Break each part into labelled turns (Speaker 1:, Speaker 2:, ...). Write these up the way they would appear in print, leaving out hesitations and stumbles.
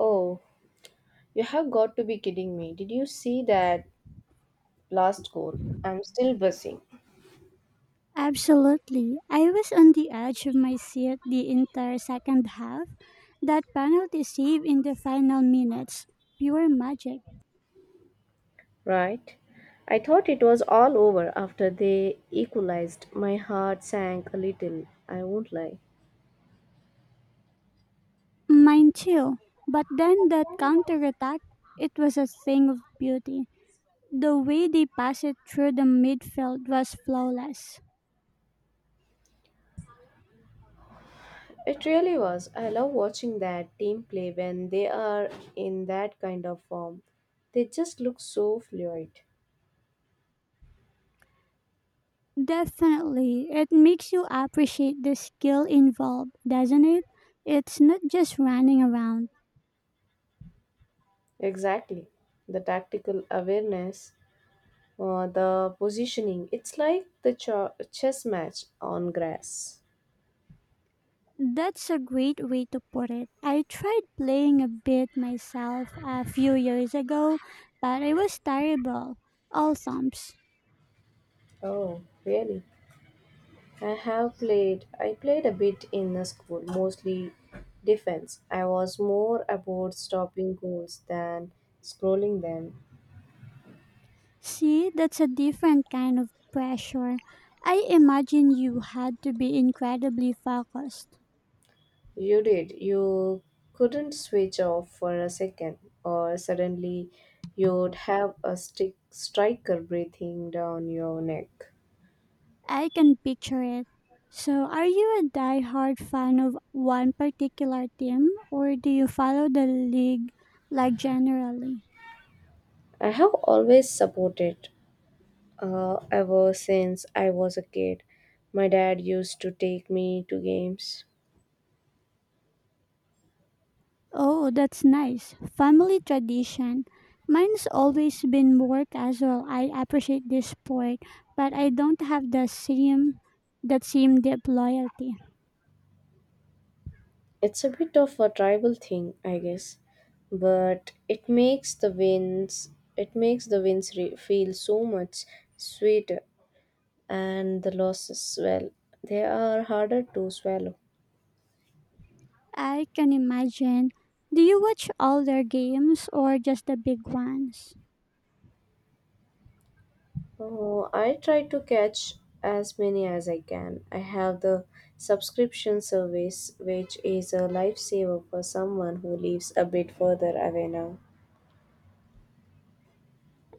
Speaker 1: Oh, you have got to be kidding me. Did you see that last goal? I'm still buzzing.
Speaker 2: Absolutely. I was on the edge of my seat the entire second half. That penalty save in the final minutes. Pure magic.
Speaker 1: Right? I thought it was all over after they equalized. My heart sank a little, I won't lie.
Speaker 2: Mine too. But then that counterattack, it was a thing of beauty. The way they passed it through the midfield was flawless.
Speaker 1: It really was. I love watching that team play when they are in that kind of form. They just look so fluid.
Speaker 2: Definitely, it makes you appreciate the skill involved, doesn't it? It's not just running around.
Speaker 1: Exactly. The tactical awareness, the positioning. It's like the chess match on grass.
Speaker 2: That's a great way to put it. I tried playing a bit myself a few years ago, but it was terrible. All thumbs.
Speaker 1: Oh, really? I have played. I played a bit in the school, mostly defense. I was more about stopping goals than scrolling them.
Speaker 2: See, that's a different kind of pressure. I imagine you had to be incredibly focused.
Speaker 1: You did. You couldn't switch off for a second, or suddenly you'd have a stick striker breathing down your neck.
Speaker 2: I can picture it. So, are you a die-hard fan of one particular team, or do you follow the league like generally?
Speaker 1: I have always supported, ever since I was a kid. My dad used to take me to games.
Speaker 2: Oh, that's nice. Family tradition. Mine's always been more casual. I appreciate this sport, but I don't have the same that same deep loyalty.
Speaker 1: It's a bit of a tribal thing, I guess, but it makes the wins feel so much sweeter, and the losses, well, they are harder to swallow.
Speaker 2: I can imagine. Do you watch all their games or just the big ones?
Speaker 1: Oh, I try to catch as many as I can. I have the subscription service, which is a lifesaver for someone who lives a bit further away now.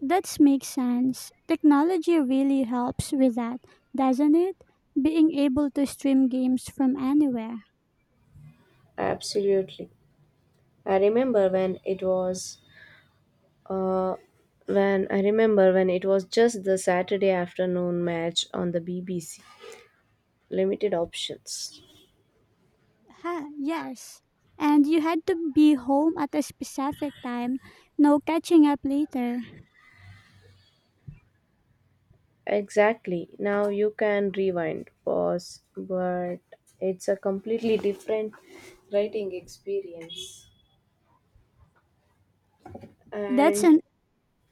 Speaker 2: That makes sense. Technology really helps with that, doesn't it? Being able to stream games from anywhere.
Speaker 1: Absolutely. I remember when it was Uh, when I remember when it was just the Saturday afternoon match on the BBC, limited options.
Speaker 2: Ha, yes. And you had to be home at a specific time, no catching up later.
Speaker 1: Exactly. Now you can rewind, pause, but it's a completely different writing experience.
Speaker 2: That's
Speaker 1: And
Speaker 2: an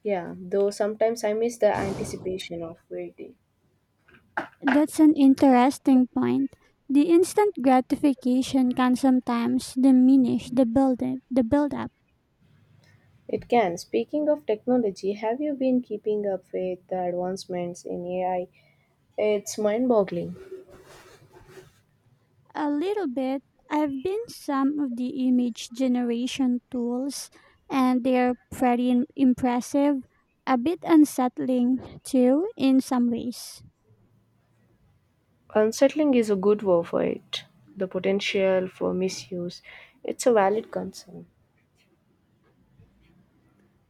Speaker 1: yeah, though sometimes I miss the anticipation of waiting.
Speaker 2: that's an interesting point. The instant gratification can sometimes diminish the build up
Speaker 1: It can. Speaking of technology, have you been keeping up with the advancements in AI? It's mind boggling.
Speaker 2: a little bit. I've been some of the image generation tools and they're pretty impressive, a bit unsettling too in some ways.
Speaker 1: Unsettling is a good word for it. The potential for misuse, it's a valid concern.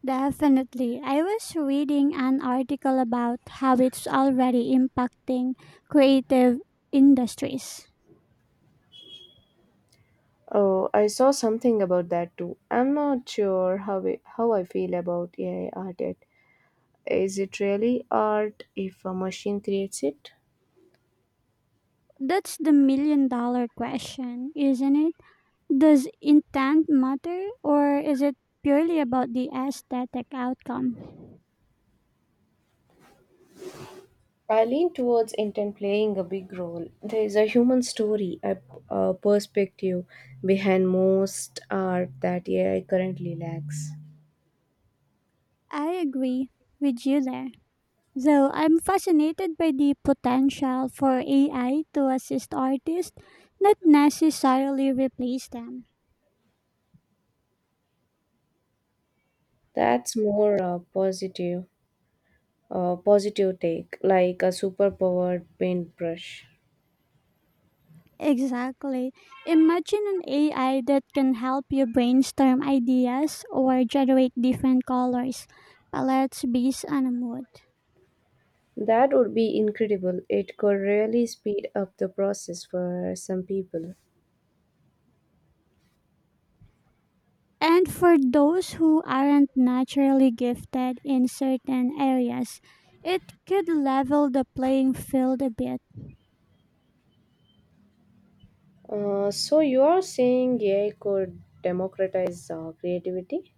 Speaker 2: Definitely. I was reading an article about how it's already impacting creative industries.
Speaker 1: Oh, I saw something about that too. I'm not sure how I feel about AI art yet. Is it really art if a machine creates it?
Speaker 2: That's the million dollar question, isn't it? Does intent matter or is it purely about the aesthetic outcome?
Speaker 1: I lean towards intent playing a big role. There is a human story, a perspective behind most art that AI currently lacks.
Speaker 2: I agree with you there. Though I'm fascinated by the potential for AI to assist artists, not necessarily replace them.
Speaker 1: That's more positive take, like a superpowered paintbrush.
Speaker 2: Exactly. Imagine an AI that can help you brainstorm ideas or generate different colors palettes based on a mood.
Speaker 1: That would be incredible. It could really speed up the process for some people.
Speaker 2: And for those who aren't naturally gifted in certain areas, it could level the playing field a bit.
Speaker 1: So you are saying AI could democratize creativity?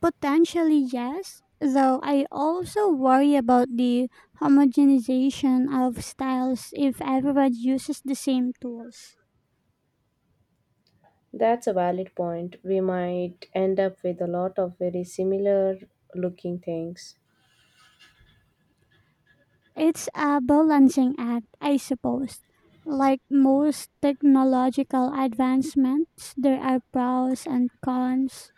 Speaker 2: Potentially, yes, though I also worry about the homogenization of styles if everyone uses the same tools.
Speaker 1: That's a valid point. We might end up with a lot of very similar looking things.
Speaker 2: It's a balancing act, I suppose. Like most technological advancements, there are pros and cons.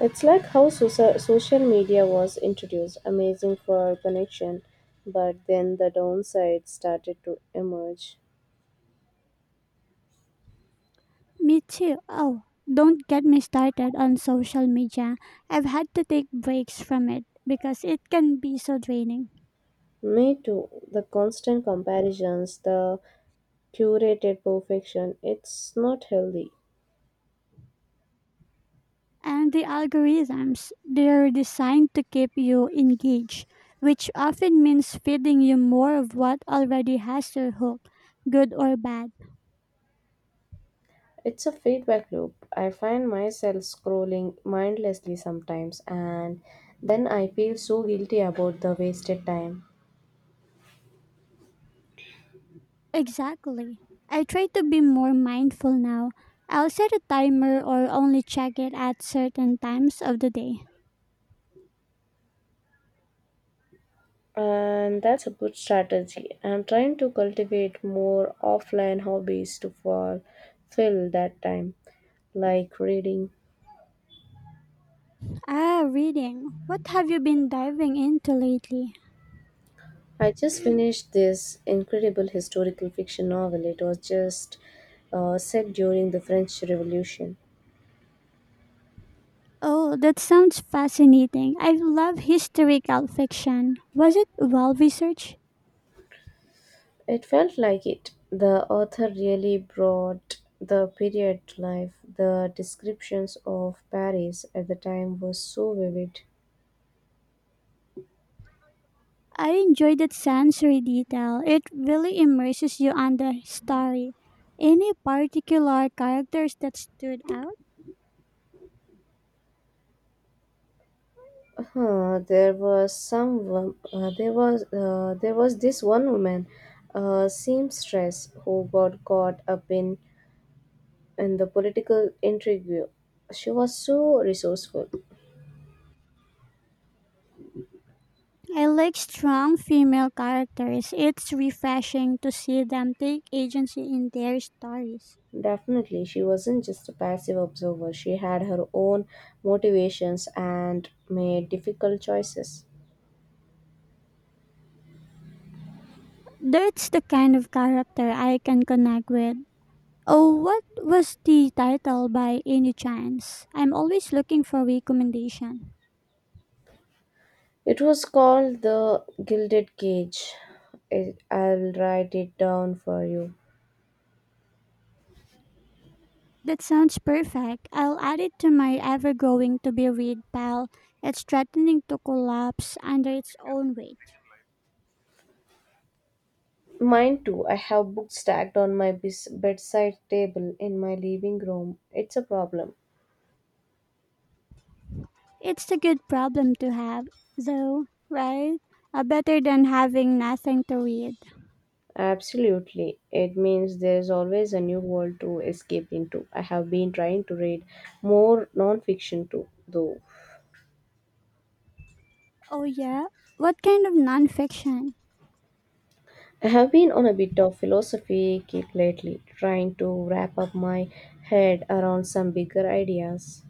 Speaker 1: It's like how social media was introduced, amazing for connection, but then the downsides started to emerge.
Speaker 2: Me too. Oh, don't get me started on social media. I've had to take breaks from it because it can be so draining.
Speaker 1: Me too. The constant comparisons, the curated perfection, it's not healthy.
Speaker 2: And the algorithms, they're designed to keep you engaged, which often means feeding you more of what already has your hook, good or bad.
Speaker 1: It's a feedback loop. I find myself scrolling mindlessly sometimes, and then I feel so guilty about the wasted time.
Speaker 2: Exactly. I try to be more mindful now. I'll set a timer or only check it at certain times of the day.
Speaker 1: And that's a good strategy. I'm trying to cultivate more offline hobbies to fill that time, like reading.
Speaker 2: Ah, reading. What have you been diving into lately?
Speaker 1: I just finished this incredible historical fiction novel. It was just set during the French Revolution.
Speaker 2: Oh, that sounds fascinating. I love historical fiction. Was it well researched?
Speaker 1: It felt like it. The author really brought the period to life. The descriptions of Paris at the time were so vivid.
Speaker 2: I enjoyed that sensory detail. It really immerses you on the story. Any particular characters that stood out?
Speaker 1: There was some wom- there was this one woman, a seamstress who got caught up in the political intrigue. She was so resourceful.
Speaker 2: I like strong female characters. It's refreshing to see them take agency in their stories.
Speaker 1: Definitely, she wasn't just a passive observer. She had her own motivations and made difficult choices.
Speaker 2: That's the kind of character I can connect with. Oh, what was the title by any chance? I'm always looking for recommendation.
Speaker 1: It was called The Gilded Cage. It, I'll write it down for you.
Speaker 2: That sounds perfect. I'll add it to my ever growing to be read pile. It's threatening to collapse under its own weight.
Speaker 1: Mine too. I have books stacked on my bedside table in my living room. It's a problem.
Speaker 2: It's a good problem to have, though, right? Better than having nothing to read.
Speaker 1: Absolutely. It means there's always a new world to escape into. I have been trying to read more nonfiction too, though.
Speaker 2: Oh, yeah? What kind of nonfiction?
Speaker 1: I have been on a bit of philosophy kick lately, trying to wrap up my head around some bigger ideas.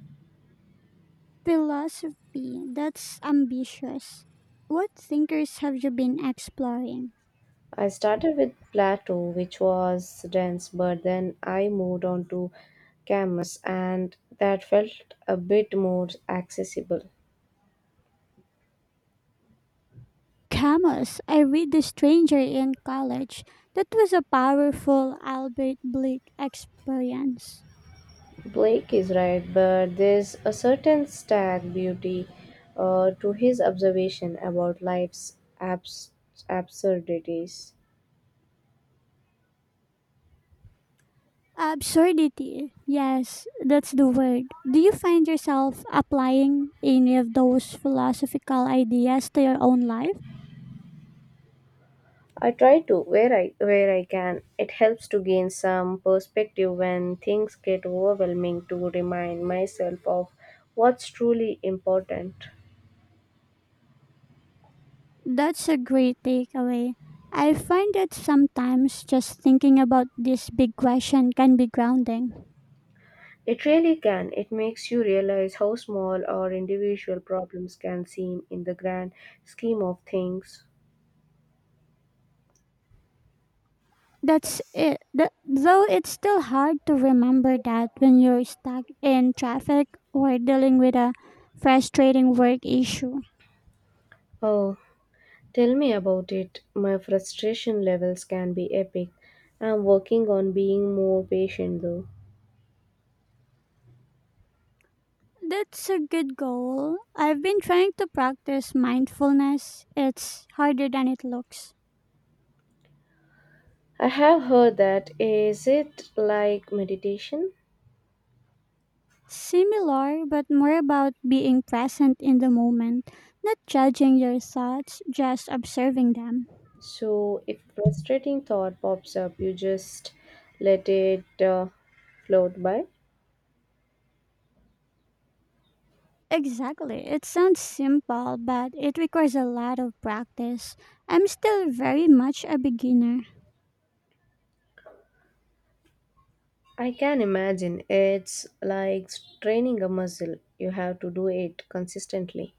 Speaker 2: Philosophy. That's ambitious. What thinkers have you been exploring?
Speaker 1: I started with Plato, which was dense, but then I moved on to Camus, and that felt a bit more accessible.
Speaker 2: Camus. I read The Stranger in college. That was a powerful Albert Blake experience.
Speaker 1: Blake is right, but there's a certain stark beauty, to his observation about life's absurdities.
Speaker 2: Absurdity. Yes, that's the word. Do you find yourself applying any of those philosophical ideas to your own life?
Speaker 1: I try to where I can. It helps to gain some perspective when things get overwhelming, to remind myself of what's truly important.
Speaker 2: That's a great takeaway. I find that sometimes just thinking about this big question can be grounding.
Speaker 1: It really can. It makes you realize how small or individual problems can seem in the grand scheme of things.
Speaker 2: That's it. Though it's still hard to remember that when you're stuck in traffic or dealing with a frustrating work issue.
Speaker 1: Oh, tell me about it. My frustration levels can be epic. I'm working on being more patient though.
Speaker 2: That's a good goal. I've been trying to practice mindfulness. It's harder than it looks.
Speaker 1: I have heard that. Is it like meditation?
Speaker 2: Similar, but more about being present in the moment, not judging your thoughts, just observing them.
Speaker 1: So if frustrating thought pops up, you just let it float by.
Speaker 2: Exactly. It sounds simple, but it requires a lot of practice. I'm still very much a beginner.
Speaker 1: I can imagine it's like training a muscle. You have to do it consistently.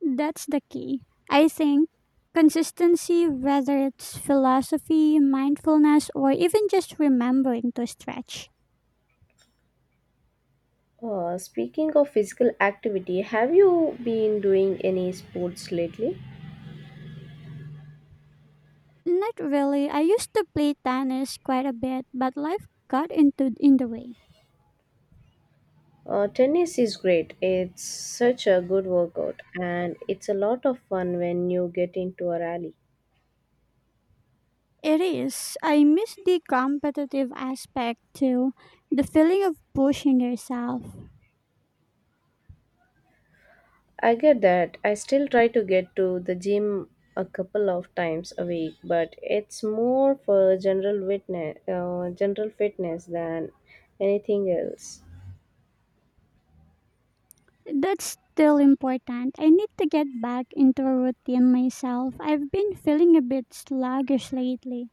Speaker 2: That's the key. I think consistency, whether it's philosophy, mindfulness, or even just remembering to stretch.
Speaker 1: Speaking of physical activity, have you been doing any sports lately?
Speaker 2: Not really. I used to play tennis quite a bit, but life got into in the way.
Speaker 1: Tennis is great. It's such a good workout and it's a lot of fun when you get into a rally.
Speaker 2: It is. I miss the competitive aspect too, the feeling of pushing yourself.
Speaker 1: I get that. I still try to get to the gym a couple of times a week, but it's more for general fitness than anything else.
Speaker 2: That's still important. I need to get back into a routine myself. I've been feeling a bit sluggish lately.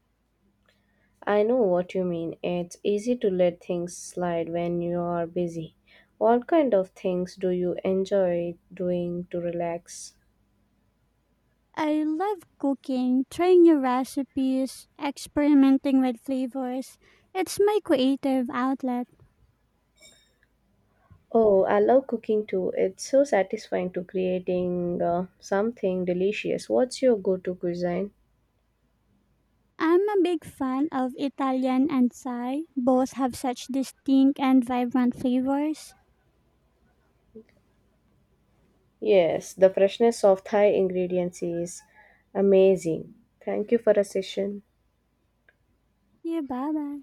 Speaker 1: I know what you mean. It's easy to let things slide when you are busy. What kind of things do you enjoy doing to relax?
Speaker 2: I love cooking, trying new recipes, experimenting with flavors. It's my creative outlet.
Speaker 1: Oh, I love cooking too. It's so satisfying to creating something delicious. What's your go-to cuisine?
Speaker 2: I'm a big fan of Italian and Thai. Both have such distinct and vibrant flavors.
Speaker 1: Yes, the freshness of Thai ingredients is amazing. Thank you for a session.
Speaker 2: Yeah, bye bye.